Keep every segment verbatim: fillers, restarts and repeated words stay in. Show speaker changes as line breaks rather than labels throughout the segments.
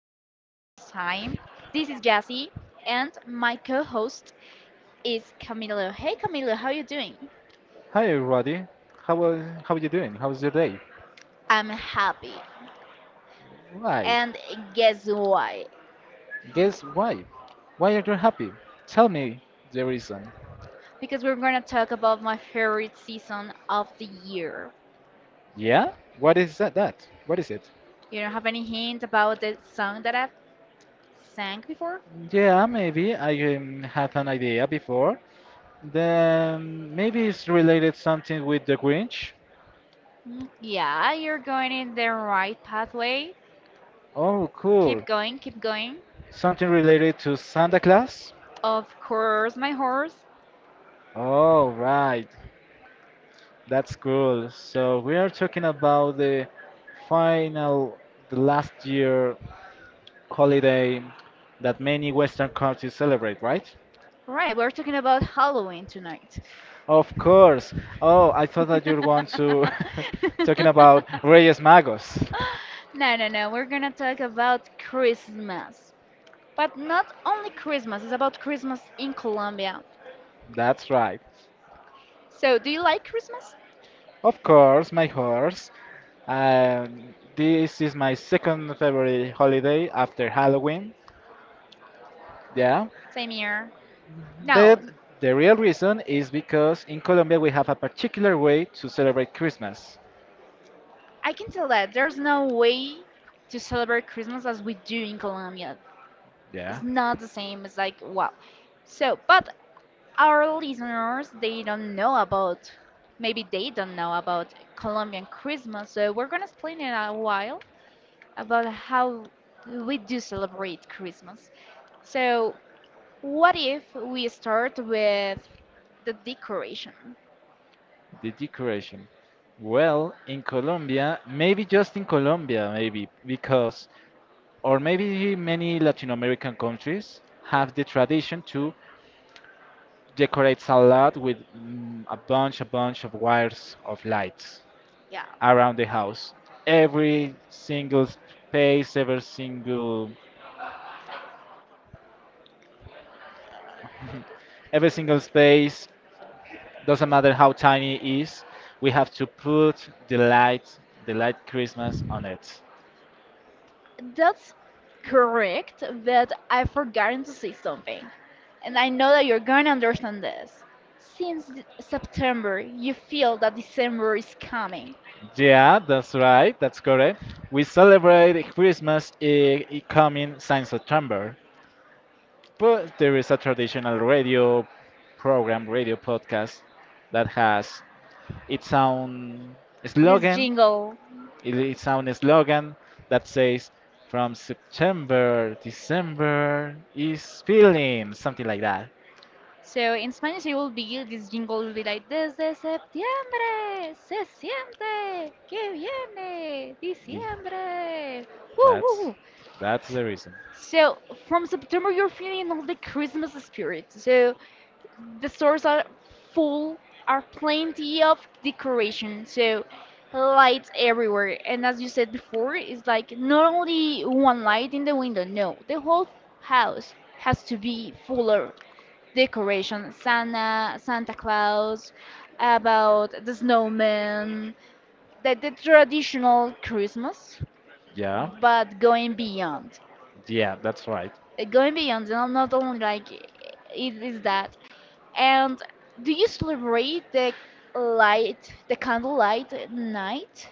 time. This is Jassy, and my co-host is Camilo. Hey, Camilo, how you doing?
Hi everybody. How was how are you doing? How's your day?
I'm happy,
Why?
and guess why?
Guess why? Why are you happy? Tell me the reason.
Because we're gonna talk about my favorite season of the year.
Yeah? What is that? that? What is it?
You don't have any hint about the song that I've sang before?
Yeah, maybe I um, had an idea before. Then maybe it's related something with the Grinch.
Mm, yeah, you're going in the right pathway.
Oh,
Keep
cool.
going, keep going.
Something related to Santa Claus?
Of course, my horse.
Oh, right. That's cool. So we are talking about the final, the last year holiday that many Western countries celebrate, right?
Right, we're talking about Halloween tonight.
Of course. Oh, I thought that you're going to talking about Reyes Magos.
No, no, no. We're gonna talk about Christmas. But not only Christmas, it's about Christmas in Colombia.
That's right.
So, do you like Christmas?
Of course, my horse. Um, this is my second favorite holiday after Halloween. Yeah.
Same here. No.
But the real reason is because in Colombia we have a particular way to celebrate Christmas.
I can tell that there's no way to celebrate Christmas as we do in Colombia.
Yeah,
It's not the same. It's like, wow. So, but our listeners, they don't know about, maybe they don't know about Colombian Christmas. So, we're going to explain in a while about how we do celebrate Christmas. So, what if we start with the decoration?
the decoration. Well, in Colombia, maybe just in Colombia, maybe because, or maybe many Latin American countries have the tradition to decorate a lot with mm, a bunch, a bunch of wires of lights
Yeah.
around the house. Every single space, every single, every single space, doesn't matter how tiny it is, we have to put the light, the light Christmas on it.
That's correct, but I've forgotten to say something. And I know that you're going to understand this. Since th- September, you feel that December is coming.
Yeah, that's right. That's correct. We celebrate Christmas i- i- coming since September, but there is a traditional radio program, radio podcast that has its own
This
slogan.
jingle.
it- Its own slogan that says, "From September, December is feeling," something like that.
So in Spanish, it will be this jingle will be like Desde septiembre se siente que viene
The-
diciembre. Woo, woo,
That's
woo.
that's the reason.
So from September, you're feeling all the Christmas spirit. So the stores are full, are plenty of decoration, so lights everywhere. And as you said before, it's like not only one light in the window, no, the whole house has to be fuller decoration. Santa santa Claus, about the snowman, the, the traditional Christmas,
Yeah.
but going beyond,
Yeah, that's right.
uh, going beyond, not, not only like it is that. And do you celebrate the light the candlelight night,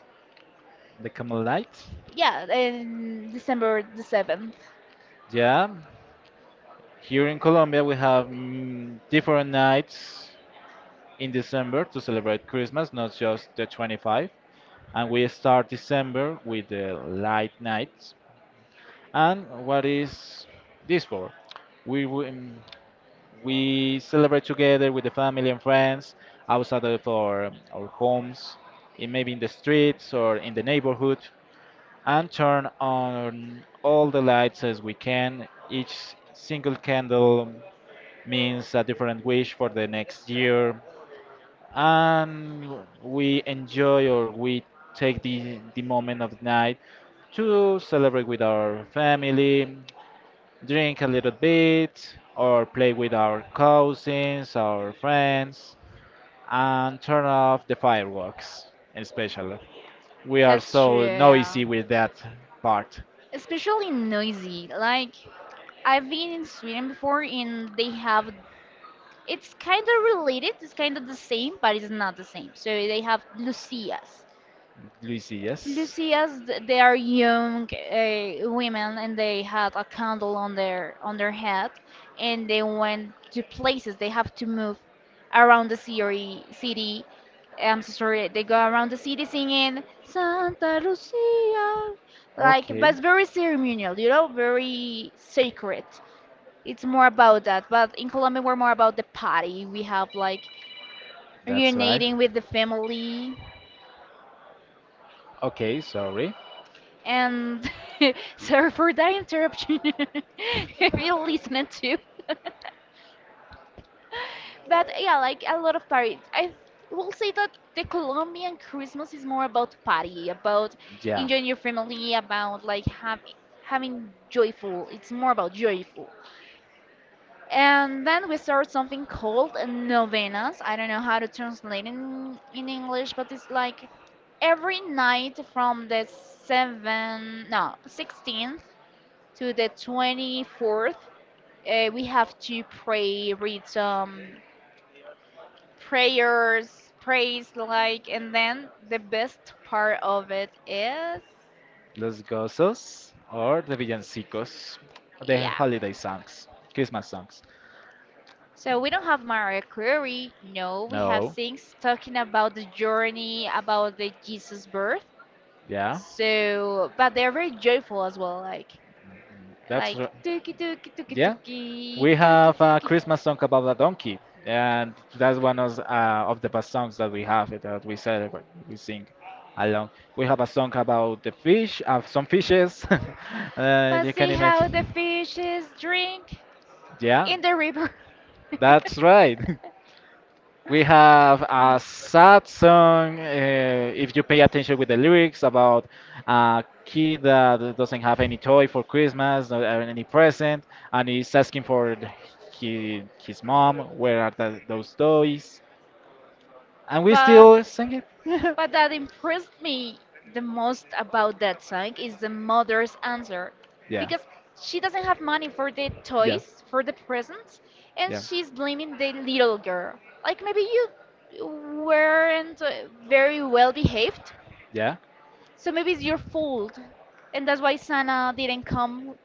The Camel Nights.
yeah, in December the seventh?
Yeah. Here in Colombia, we have mm, different nights in December to celebrate Christmas, not just the twenty-fifth. And we start December with the light nights. And what is this for? We w- mm, we celebrate together with the family and friends outside of our, our homes, in maybe in the streets or in the neighborhood. And turn on all the lights as we can. Each single candle means a different wish for the next year, and we enjoy or we take the, the moment of night to celebrate with our family, drink a little bit, or play with our cousins, our friends, and turn off the fireworks, especially. We are
That's true,
so
yeah.
noisy with that part.
Especially noisy, like, I've been in Sweden before, and they have, it's kind of related, it's kind of the same, but it's not the same. So they have lucias
Lucy, yes?
Lucias, th- they are young, uh, women, and they had a candle on their on their head, and they went to places. They have to move around the city. City, I'm so sorry. They go around the city singing Santa Lucia, like, but
Okay,
it's very ceremonial, you know, very sacred. It's more about that. But in Colombia, we're more about the party. We have like
that's right.
reuniting with the family.
Okay, sorry.
And sorry for that interruption, if you listen to. But yeah, like a lot of parties. I will say that the Colombian Christmas is more about party, about
Yeah,
enjoying your family, about like having having joyful. It's more about joyful. And then we start something called novenas. I don't know how to translate in in English, but it's like every night from the seven, no, sixteen to the twenty-fourth, uh, we have to pray, read some prayers, praise like, and then the best part of it is,
Los Gozos or the Villancicos, the
yeah.
holiday songs, Christmas songs.
So we don't have Mariah Carey, no, we have
No,
things talking about the journey, about the Jesus birth.
yeah,
So, but they're very joyful as well, like
that's
like
right.
tuki tuki tuki
Yeah,
tuki
we
tuki
have a
tuki.
Christmas song about a donkey, and that's one of, uh, of the best songs that we have uh, that we celebrate, we sing along. We have a song about the fish, uh, some fishes. uh,
But
you can
see how the
imagine.
fishes drink
Yeah,
in the river.
that's right. We have a sad song, uh, if you pay attention with the lyrics, about a kid that doesn't have any toy for Christmas or any present, and he's asking for he, his mom, where are the, those toys? And we
But
still sing it.
but that impressed me the most about that song is the mother's answer,
yeah.
because she doesn't have money for the
Yeah.
toys, for the presents, and
Yeah.
she's blaming the little girl. Like, maybe you weren't uh, very well behaved,
Yeah.
so maybe it's your fault, and that's why Santa didn't come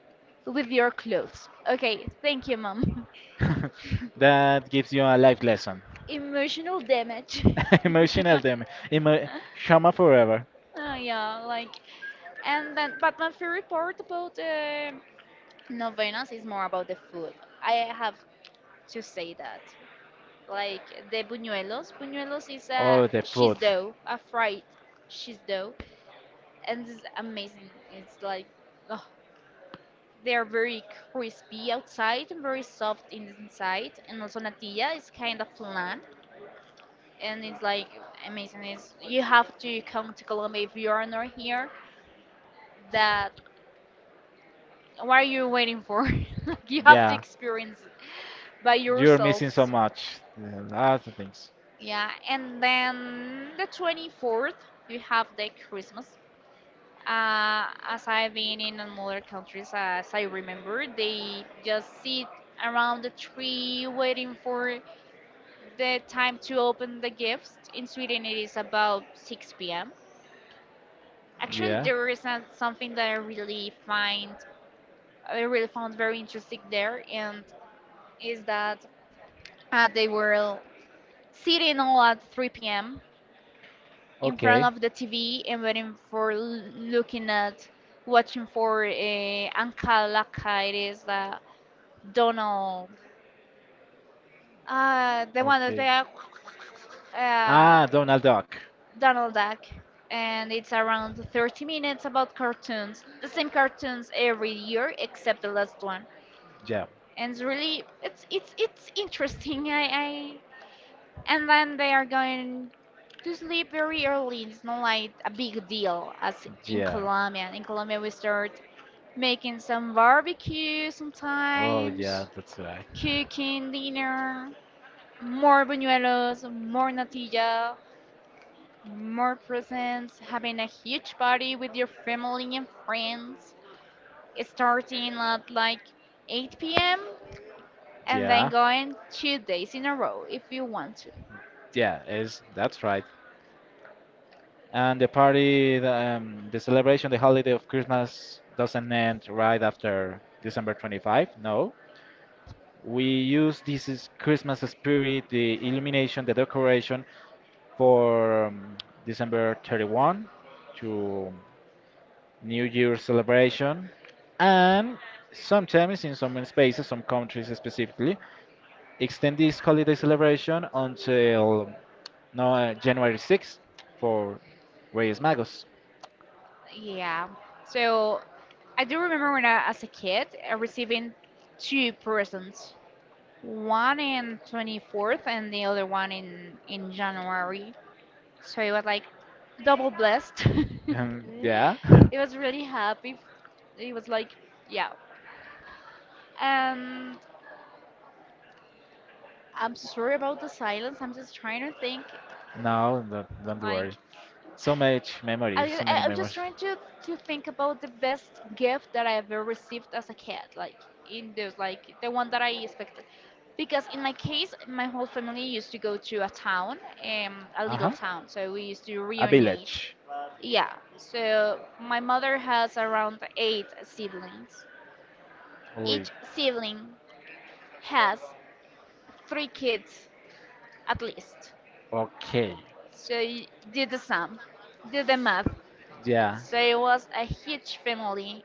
with your clothes. Okay, thank you, mom.
That gives you a life lesson.
Emotional damage.
Emotional damage. Emo- Shama forever.
Oh, yeah, like, and then, but my favorite part about um novenas is more about the food. I have to say that. Like, the buñuelos. Buñuelos is a
Oh, the
cheese
food.
dough, a fried cheese dough, and it's amazing. It's like, ugh, they are very crispy outside and very soft in the inside. And also natilla is kind of flan, and it's like amazing. It's, you have to come to Colombia if you are not here. That What are you waiting for? Like, you have to
Yeah,
experience it by
you're missing so
yourselves.
much. Yeah, lots of things.
Yeah, and then the twenty-fourth, you have the Christmas. Uh, as I've been in other countries, as I remember, they just sit around the tree waiting for the time to open the gifts. In Sweden, it is about six p m. Actually,
Yeah.
there is a- something that I really find I really found very interesting there, and is that uh, they were sitting all at three p m in front
Okay.
of the T V and waiting for l- looking at watching for uh, Anka Laka. It is the Donald, uh, the one that's
Okay.
like, uh,
Ah, Donald Duck.
Donald Duck, and it's around thirty minutes about cartoons, the same cartoons every year except the last one.
Yeah.
And it's really, it's it's it's interesting. I, I And then they are going to sleep very early. It's not like a big deal as in
Yeah.
Colombia. In Colombia, we start making some barbecue
Oh, yeah,
sometimes,
that's right.
cooking dinner, more buñuelos, more natilla, more presents, having a huge party with your family and friends, starting at like eight p m, and then
Yeah.
going two days in a row if you want to.
Yeah, is that's right. And the party, the, um, the celebration, the holiday of Christmas doesn't end right after December twenty-fifth. No, we use this is Christmas spirit, the illumination, the decoration, for um, December thirty-first to New Year celebration. And sometimes in some spaces, some countries specifically, extend this holiday celebration until no, uh, January sixth for Reyes Magos.
Yeah. So I do remember when I as a kid uh, receiving two presents, one in twenty-fourth and the other one in in January. So it was like double blessed.
Um, yeah.
It was really happy. It was like yeah. Um, I'm so sorry about the silence. I'm just trying to think.
No, don't, don't
Like,
worry. So much memory,
I, ju-
so
I-
many
I'm just
memories.
trying to to think about the best gift that I ever received as a kid. Like in those, like the one that I expected. Because in my case, my whole family used to go to a town, um, a
Uh
little
huh.
town. So we used to
A
reunite.
village.
Yeah. So my mother has around eight siblings.
Oui.
Each sibling has three kids at least.
Okay.
She did the sum, did the math.
Yeah.
She was a huge family,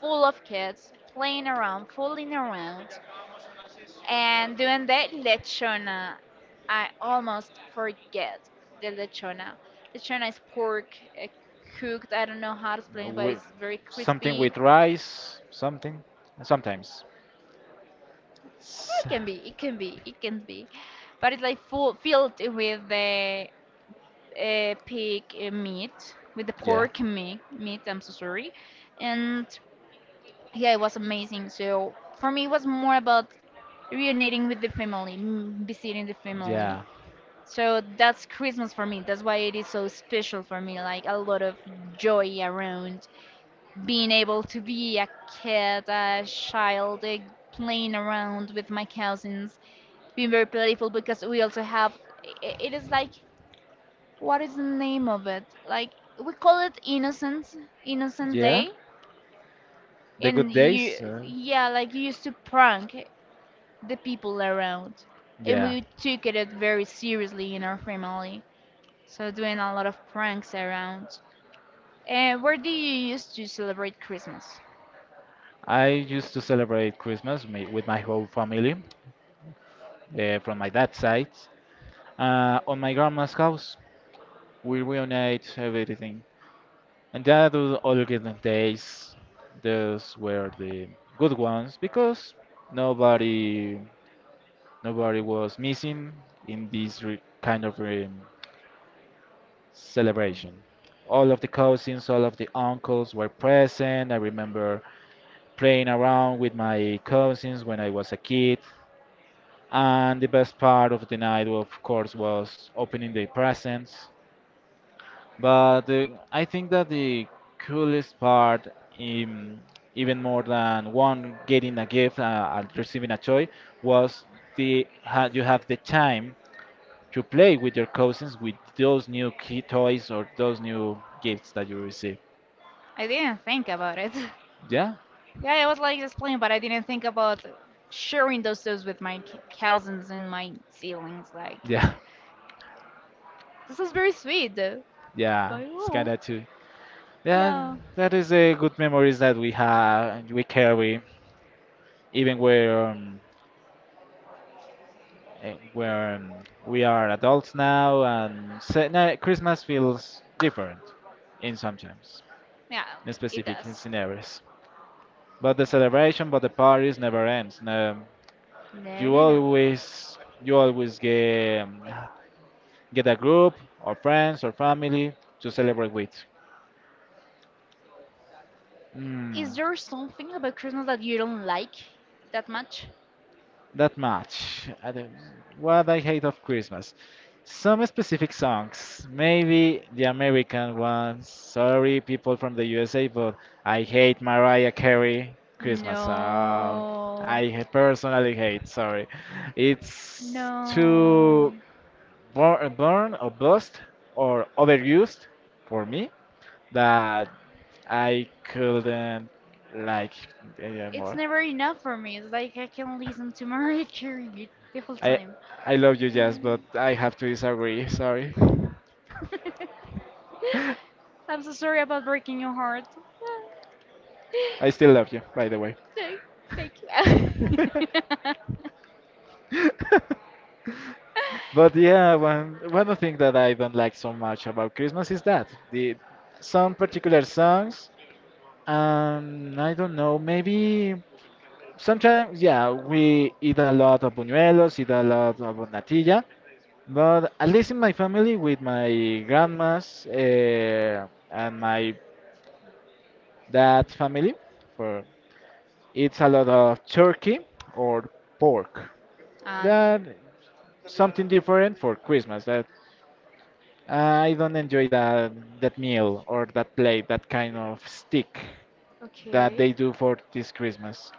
full of kids, playing around, fooling around. And during the lechona, I almost forget the lechona. Lechona is pork uh, cooked. I don't know how to explain, but
With
it's very
something
crispy.
with rice. Something. Sometimes. S-
It can be, it can be, it can be, but it's like full filled with the uh, pig uh, meat, with the
Yeah.
pork meat. Meat. I'm so sorry. And yeah, it was amazing. So for me, it was more about reuniting with the family, m- visiting the family.
Yeah.
So that's Christmas for me. That's why it is so special for me. Like a lot of joy around being able to be a kid, a child, eh, playing around with my cousins, being very playful because we also have. i- i- It is like, what is the name of it? Like we call it Innocence, Innocent
Yeah.
Day,
The good
and you,
days. Uh,
yeah, like you used to prank the people around, and
yeah.
we took it very seriously in our family. So doing a lot of pranks around. And where do you used to celebrate Christmas?
I used to celebrate Christmas me- with my whole family uh, from my dad's side uh, on my grandma's house. We reunite everything. And yeah, those olden days, those were the good ones because nobody, nobody was missing in this re kind of um, celebration. All of the cousins, all of the uncles were present. I remember playing around with my cousins when I was a kid. And the best part of the night, of course, was opening the presents. But uh, I think that the coolest part, um, even more than one getting a gift uh, and receiving a toy, was the ha you have the time to play with your cousins with those new key toys or those new gifts that you receive.
I didn't think about it.
Yeah,
Yeah, I was like just playing, but I didn't think about sharing those things with my c- cousins and my siblings. Like,
yeah,
this is very sweet, though.
yeah.
But
It's
well.
kinda too. Yeah,
Yeah.
that is a good memories that we have, we carry, even where um, eh, where um, we are adults now, and se- no, Christmas feels different in sometimes
Yeah,
in
it
specific
does.
scenarios. But the celebration, but the parties never ends. No,
No,
you
no, no.
always you always get um, get a group or friends or family to celebrate with. Mm.
Is there something about Christmas that you don't like that much?
That much. I don't, what I hate of Christmas. Some specific songs, maybe the American ones. Sorry, people from the U S A, but I hate Mariah Carey Christmas song.
No.
I ha- personally hate. Sorry, it's
No.
too bur- burn or bust or overused for me that I couldn't like
It's
anymore.
never enough for me. It's like I can listen to Mariah Carey the whole
I
time.
I love you, Jazz, but
Um,
I have to disagree. Sorry.
I'm so sorry about breaking your heart.
I still love you, by the way.
No, thank you.
But yeah, one one of the things that I don't like so much about Christmas is that the some particular songs. Um, I don't know. Maybe sometimes, yeah, we eat a lot of buñuelos, eat a lot of natilla. But at least in my family, with my grandmas uh, and my dad's family, for it's a lot of turkey or pork.
um,
That something different for Christmas. That I don't enjoy that that meal or that plate, that kind of stick that they
okay.
do for this Christmas.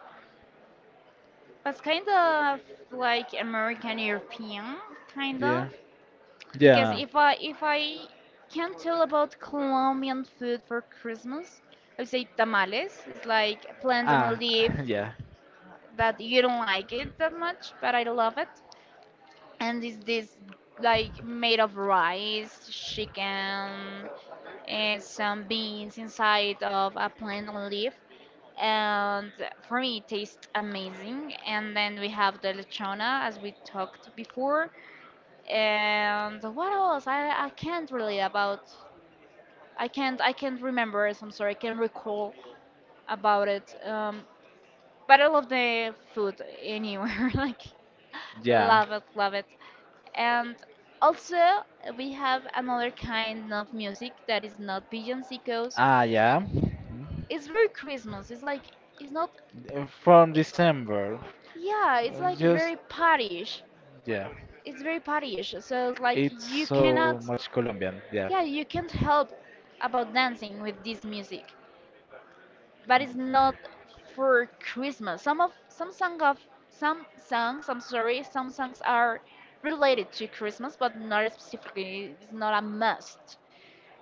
That's kind of like American European, kind
Yeah.
of. Because
Yeah.
if I if I can tell about Colombian food for Christmas, I would say tamales. It's like plant on a
Ah,
leaf
yeah.
that you don't like it that much, but I love it. And it's this like made of rice, chicken, and some beans inside of a plant on a leaf. And for me, it tastes amazing. And then we have the lechona, as we talked before. And what else? I, I can't really about I can't I can't remember it. I'm sorry. I can't recall about it. Um, but I love the food anywhere. Like,
Yeah.
love it, love it. And also we have another kind of music that is not villancicos.
Ah, yeah.
It's very Christmas. It's like it's not.
Uh, from
i-
December.
yeah, it's
Uh,
like
Just,
very partyish.
yeah.
It's very partyish. So it's like
It's
you
so
cannot.
much Colombian, yeah.
Yeah, you can't help about dancing with this music. But it's not for Christmas. Some of some song of some songs, I'm sorry, some songs are related to Christmas, but not specifically. It's not a must.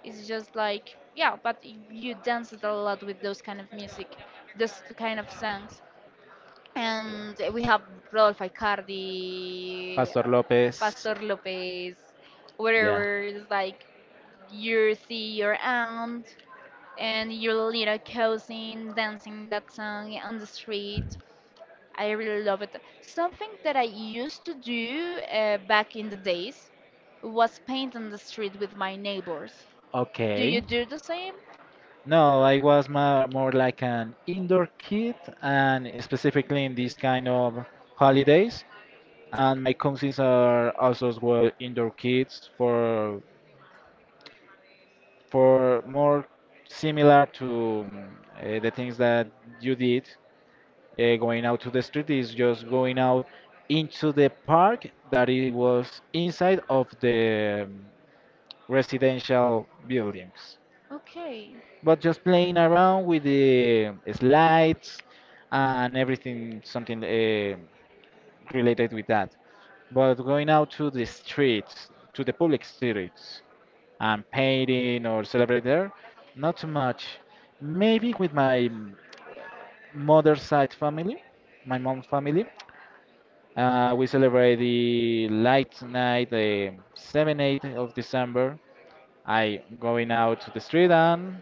It's just like yeah, but you dance a lot with those kind of music, those kind of songs. And we have Rodolfo Icardi,
Pastor
uh,
Lopez,
Pastor Lopez,
yeah.
whatever. It's like you see your aunt and your little cousin dancing that song on the street. I really love it. Something that I used to do uh, back in the days was paint on the street with my neighbors. Do you
Okay.
do the same?
No, I was more, more like an indoor kid, and specifically in these kind of holidays. And my cousins are also as well indoor kids for for more similar to mm, eh, the things that you did. Uh, going out to the street is just going out into the park that it was inside of the mm, residential buildings.
Okay.
But just playing around with the slides and everything, something uh, related with that. But going out to the streets, to the public streets, and painting or celebrate there, not too much. Maybe with my mother's side family, my mom's family, uh, we celebrate the light night, the seventh, eighth of December. I going out to the street and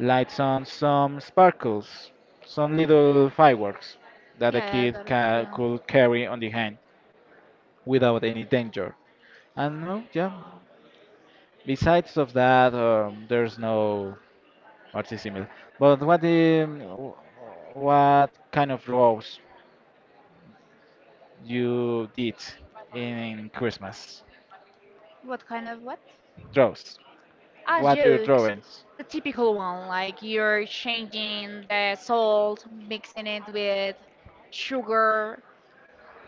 lights on some sparkles, some little fireworks that the
Yeah, I
kid
got it.
ca-
Yeah.
could carry on the hand without any danger. And no, yeah. Besides of that, um, there's no artisimile. But what the, what kind of draws you did in Christmas?
What kind of what?
Draws.
Ah,
What your
jokes.
drawings?
The typical one, like you're changing the salt, mixing it with sugar,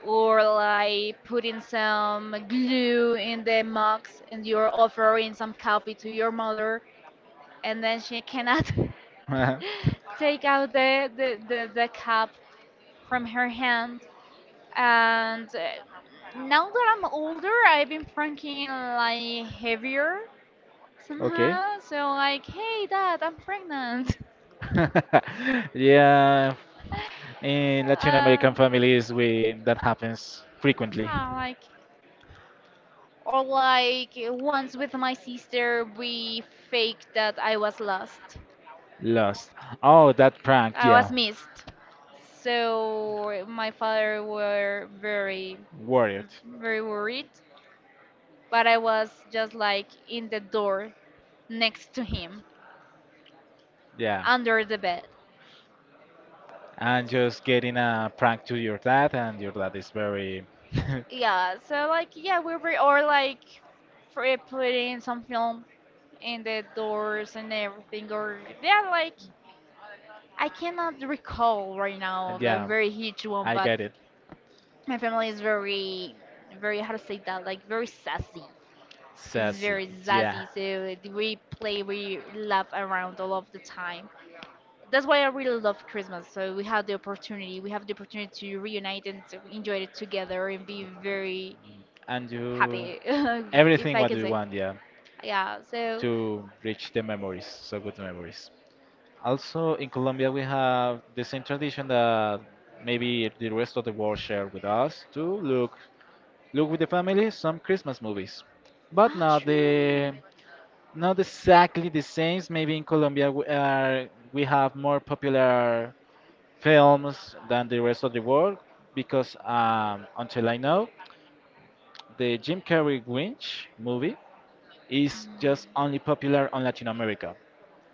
or like putting some glue in the mugs and you're offering some coffee to your mother and then she cannot take out the, the, the, the cup from her hand and uh, now that I'm older, I've been pranking like heavier
okay.
somehow, so like, hey dad, I'm pregnant.
yeah, in Latin
uh,
American families, we that happens frequently.
yeah, like, or like once with my sister, we faked that I was lost.
Lost. Oh, that prank.
I was
Yeah,
missed. So my father were very,
worried.
very worried. But I was just like in the door next to him,
Yeah,
under the bed.
and just getting a prank to your dad, and your dad is very.
Yeah. So like yeah, we were, or like for putting some film in the doors and everything. Or yeah, like I cannot recall right now a
yeah,
very huge one,
I
but
get it.
my family is very, very, how to say that, like very sassy. It's
Sassy.
very
Yeah,
sassy, so we play, we laugh around all of the time. That's why I really love Christmas. So we had the opportunity, we have the opportunity to reunite and to enjoy it together and be very
and you.
happy, if
Everything
I
what
can
we
say.
want, yeah,
Yeah. So.
to reach the memories, so good memories. Also, in Colombia, we have the same tradition that maybe the rest of the world share with us to look look with the family some Christmas movies, but
Ah,
not
true.
the not exactly the same. Maybe in Colombia we are we have more popular films than the rest of the world because um, until I know the Jim Carrey Grinch movie is just
Mm.
only popular on Latin America.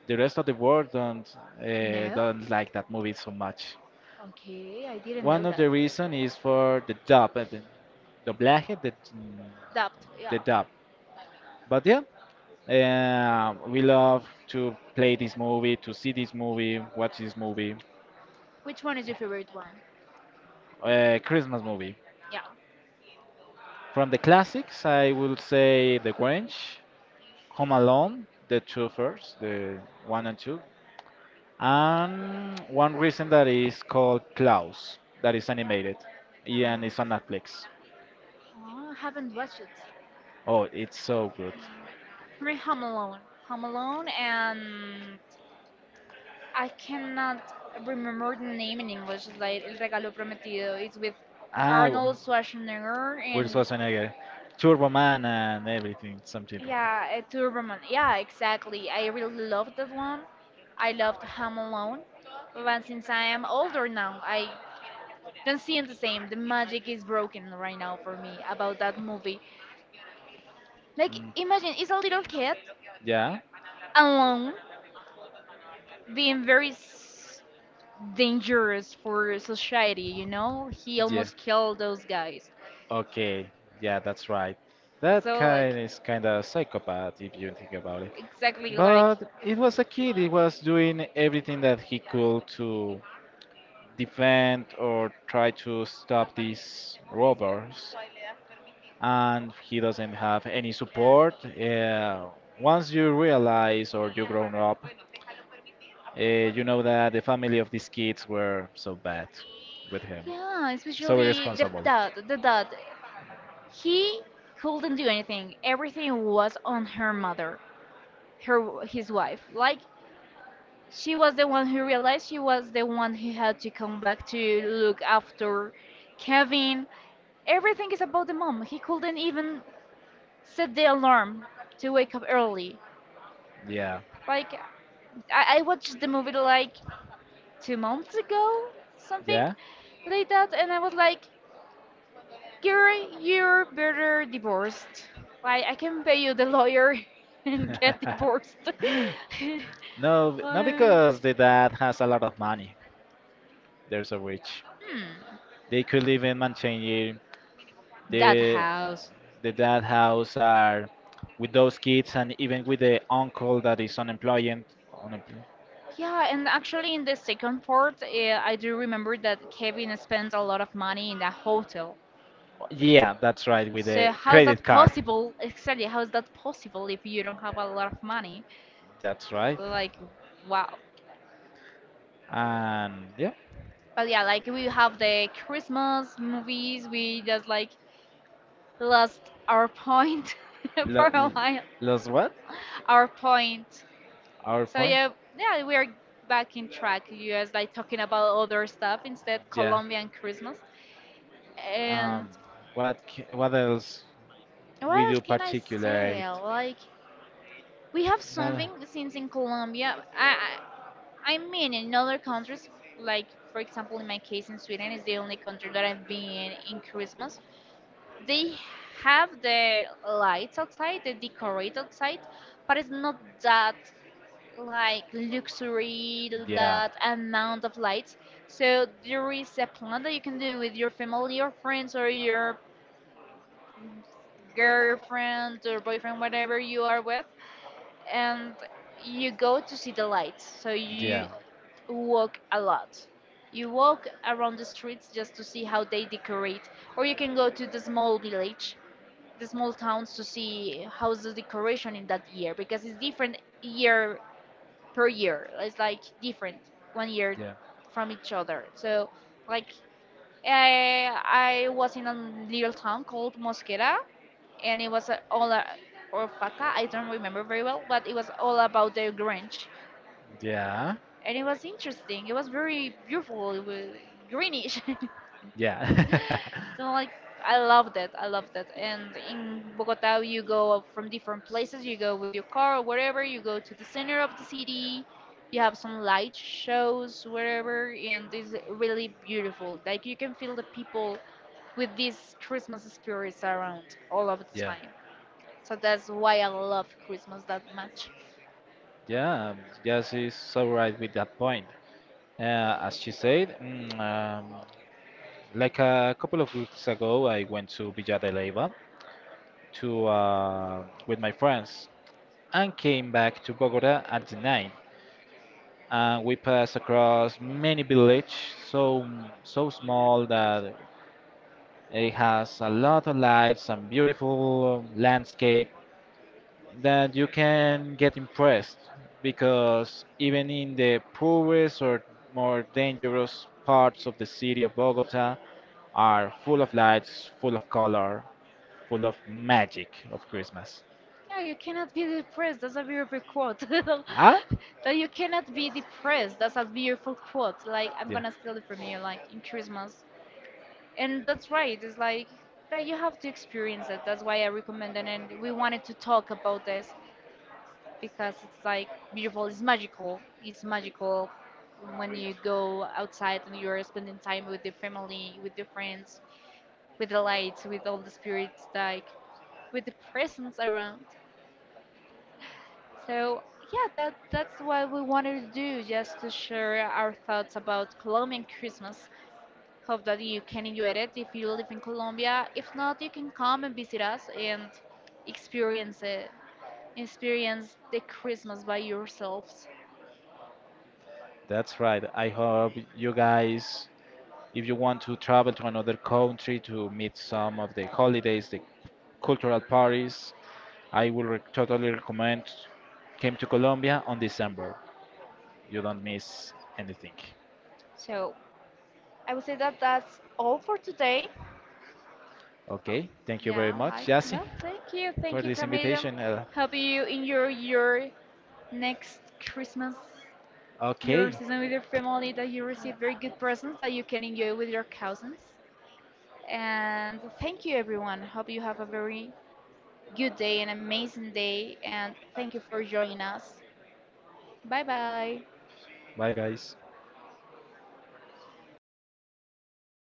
The rest of the world don't uh,
No.
don't like that movie so much.
Okay, I didn't
One
know
of
that.
the reason is for the dub, uh, the doblaje, the mm,
Dubbed,
the
yeah.
dub. But yeah, uh, we love to play this movie, to see this movie, watch this movie,
Which one is your favorite one?
uh, Christmas movie.
Yeah.
From the classics, I will say The Grinch, Home Alone, the two first, the one and two, and one reason that is called Klaus, that is animated, yeah, and
Uh,
it's on Netflix.
oh, I haven't watched it.
Oh, it's so good.
No. I mean, Home Alone. Home Alone, and I cannot remember the name in English. It's like El Regalo Prometido. It's with
Ah, Will
Arnold Schwarzenegger, and
Schwarzenegger, Turbo Man, and everything, something.
yeah, a Turboman. Yeah, exactly. I really loved that one. I loved Home Alone. But since I am older now, I don't see it the same. The magic is broken right now for me about that movie. Like,
Mm.
imagine it's a little kid
Yeah.
alone being very s- dangerous for society, you know? He
Yeah.
almost killed those guys.
Okay, yeah, that's right. That
So, like,
kind is kind of psychopath if you think about it.
exactly, like,
But it was a kid. He was doing everything that he could to defend or try to stop these robbers, and he doesn't have any support. Uh, once you realize or you grown up, uh, you know that the family of these kids were so bad with him,
yeah,
so
especially the
irresponsible.
dad, the dad. He couldn't do anything. Everything was on her mother, her his wife. Like, she was the one who realized, she was the one who had to come back to look after Kevin. Everything is about the mom. He couldn't even set the alarm to wake up early.
Yeah.
Like I, I watched the movie like two months ago, something
Yeah.
like that, and I was like, girl, you're better divorced. Like, I can pay you the lawyer and get divorced.
No, b- not
Uh,
because the dad has a lot of money. There's a rich.
hmm.
They could live in Manchester.
That
The
house.
the dad house are with those kids and even with the uncle that is unemployed. Unemployed.
Yeah, and actually, in the second part, uh, I do remember that Kevin spends a lot of money in the hotel.
Yeah, that's right. With
So,
a
how is
credit
that
card.
possible? Exactly, how is that possible if you don't have a lot of money?
That's right.
Like, wow.
And yeah,
But yeah, like we have the Christmas movies, we just like lost our point for
lo-
a
l-
while.
lost what?
Our point.
Our
So
point.
yeah, yeah, we are back in track. You guys like talking about other stuff instead
Yeah.
Colombian Christmas. And
Um, what c- what else
what
we
else
do
can I say?
particularly?
Like, we have
No.
something since in Colombia. I I I mean in other countries, like for example in my case, in Sweden is the only country that I've been in Christmas. They have the lights outside, the decorate outside, but it's not that like luxury,
Yeah.
that amount of lights. So there is a plan that you can do with your family or friends or your girlfriend or boyfriend, whatever you are with, and you go to see the lights. So
Yeah.
you walk a lot. You walk around the streets just to see how they decorate, or you can go to the small village, the small towns to see how's the decoration in that year because it's different year per year. It's like different one year
Yeah.
from each other. So like I I was in a little town called Mosquera, and it was uh, all uh, or Paca. I don't remember very well, but it was all about the Grange,
Yeah.
and it was interesting. It was very beautiful. It was greenish.
Yeah.
So like, I love that. I love that. And in Bogota, you go from different places. You go with your car or whatever. You go to the center of the city. You have some light shows whatever, and it's really beautiful. Like, you can feel the people with these Christmas spirits around all of the
Yeah,
time. So that's why I love Christmas that much.
yeah, um, yeah, she's so right with that point. Uh, as she said, mm, um, like a couple of weeks ago, I went to Villa de Leyva to uh, with my friends and came back to Bogota at the night. And we passed across many village, so so small that it has a lot of lights and beautiful um, landscape. That you can get impressed because even in the poorest or more dangerous parts of the city of Bogota are full of lights, full of color, full of magic of Christmas.
Yeah, you cannot be depressed. That's a beautiful quote.
Huh?
That you cannot be depressed. That's a beautiful quote. Like, I'm
Yeah,
gonna steal it from you, like in Christmas. And that's right. It's like that you have to experience it. That's why I recommend it. And we wanted to talk about this because it's like beautiful. It's magical. It's magical when you go outside and you're spending time with your family, with your friends, with the lights, with all the spirits, like with the presence around. So yeah, that that's what we wanted to do, just to share our thoughts about Colombian Christmas. Hope that you can enjoy it if you live in Colombia. If not, you can come and visit us and experience it, experience the Christmas by yourselves.
that's right. I hope you guys, if you want to travel to another country to meet some of the holidays, the cultural parties, I will re- totally recommend came to Colombia on December. You don't miss anything.
So I would say that that's all for today. Hope,
Okay, thank you very
yeah,
much,
I,
Yassi,
no, thank you,
for
thank you,
this
Camilo.
invitation. Uh,
Hope you enjoy your next Christmas, your
okay,
season with your family, that you receive very good presents that you can enjoy with your cousins. And thank you, everyone. Hope you have a very good day, an amazing day, and thank you for joining us. Bye bye.
bye guys.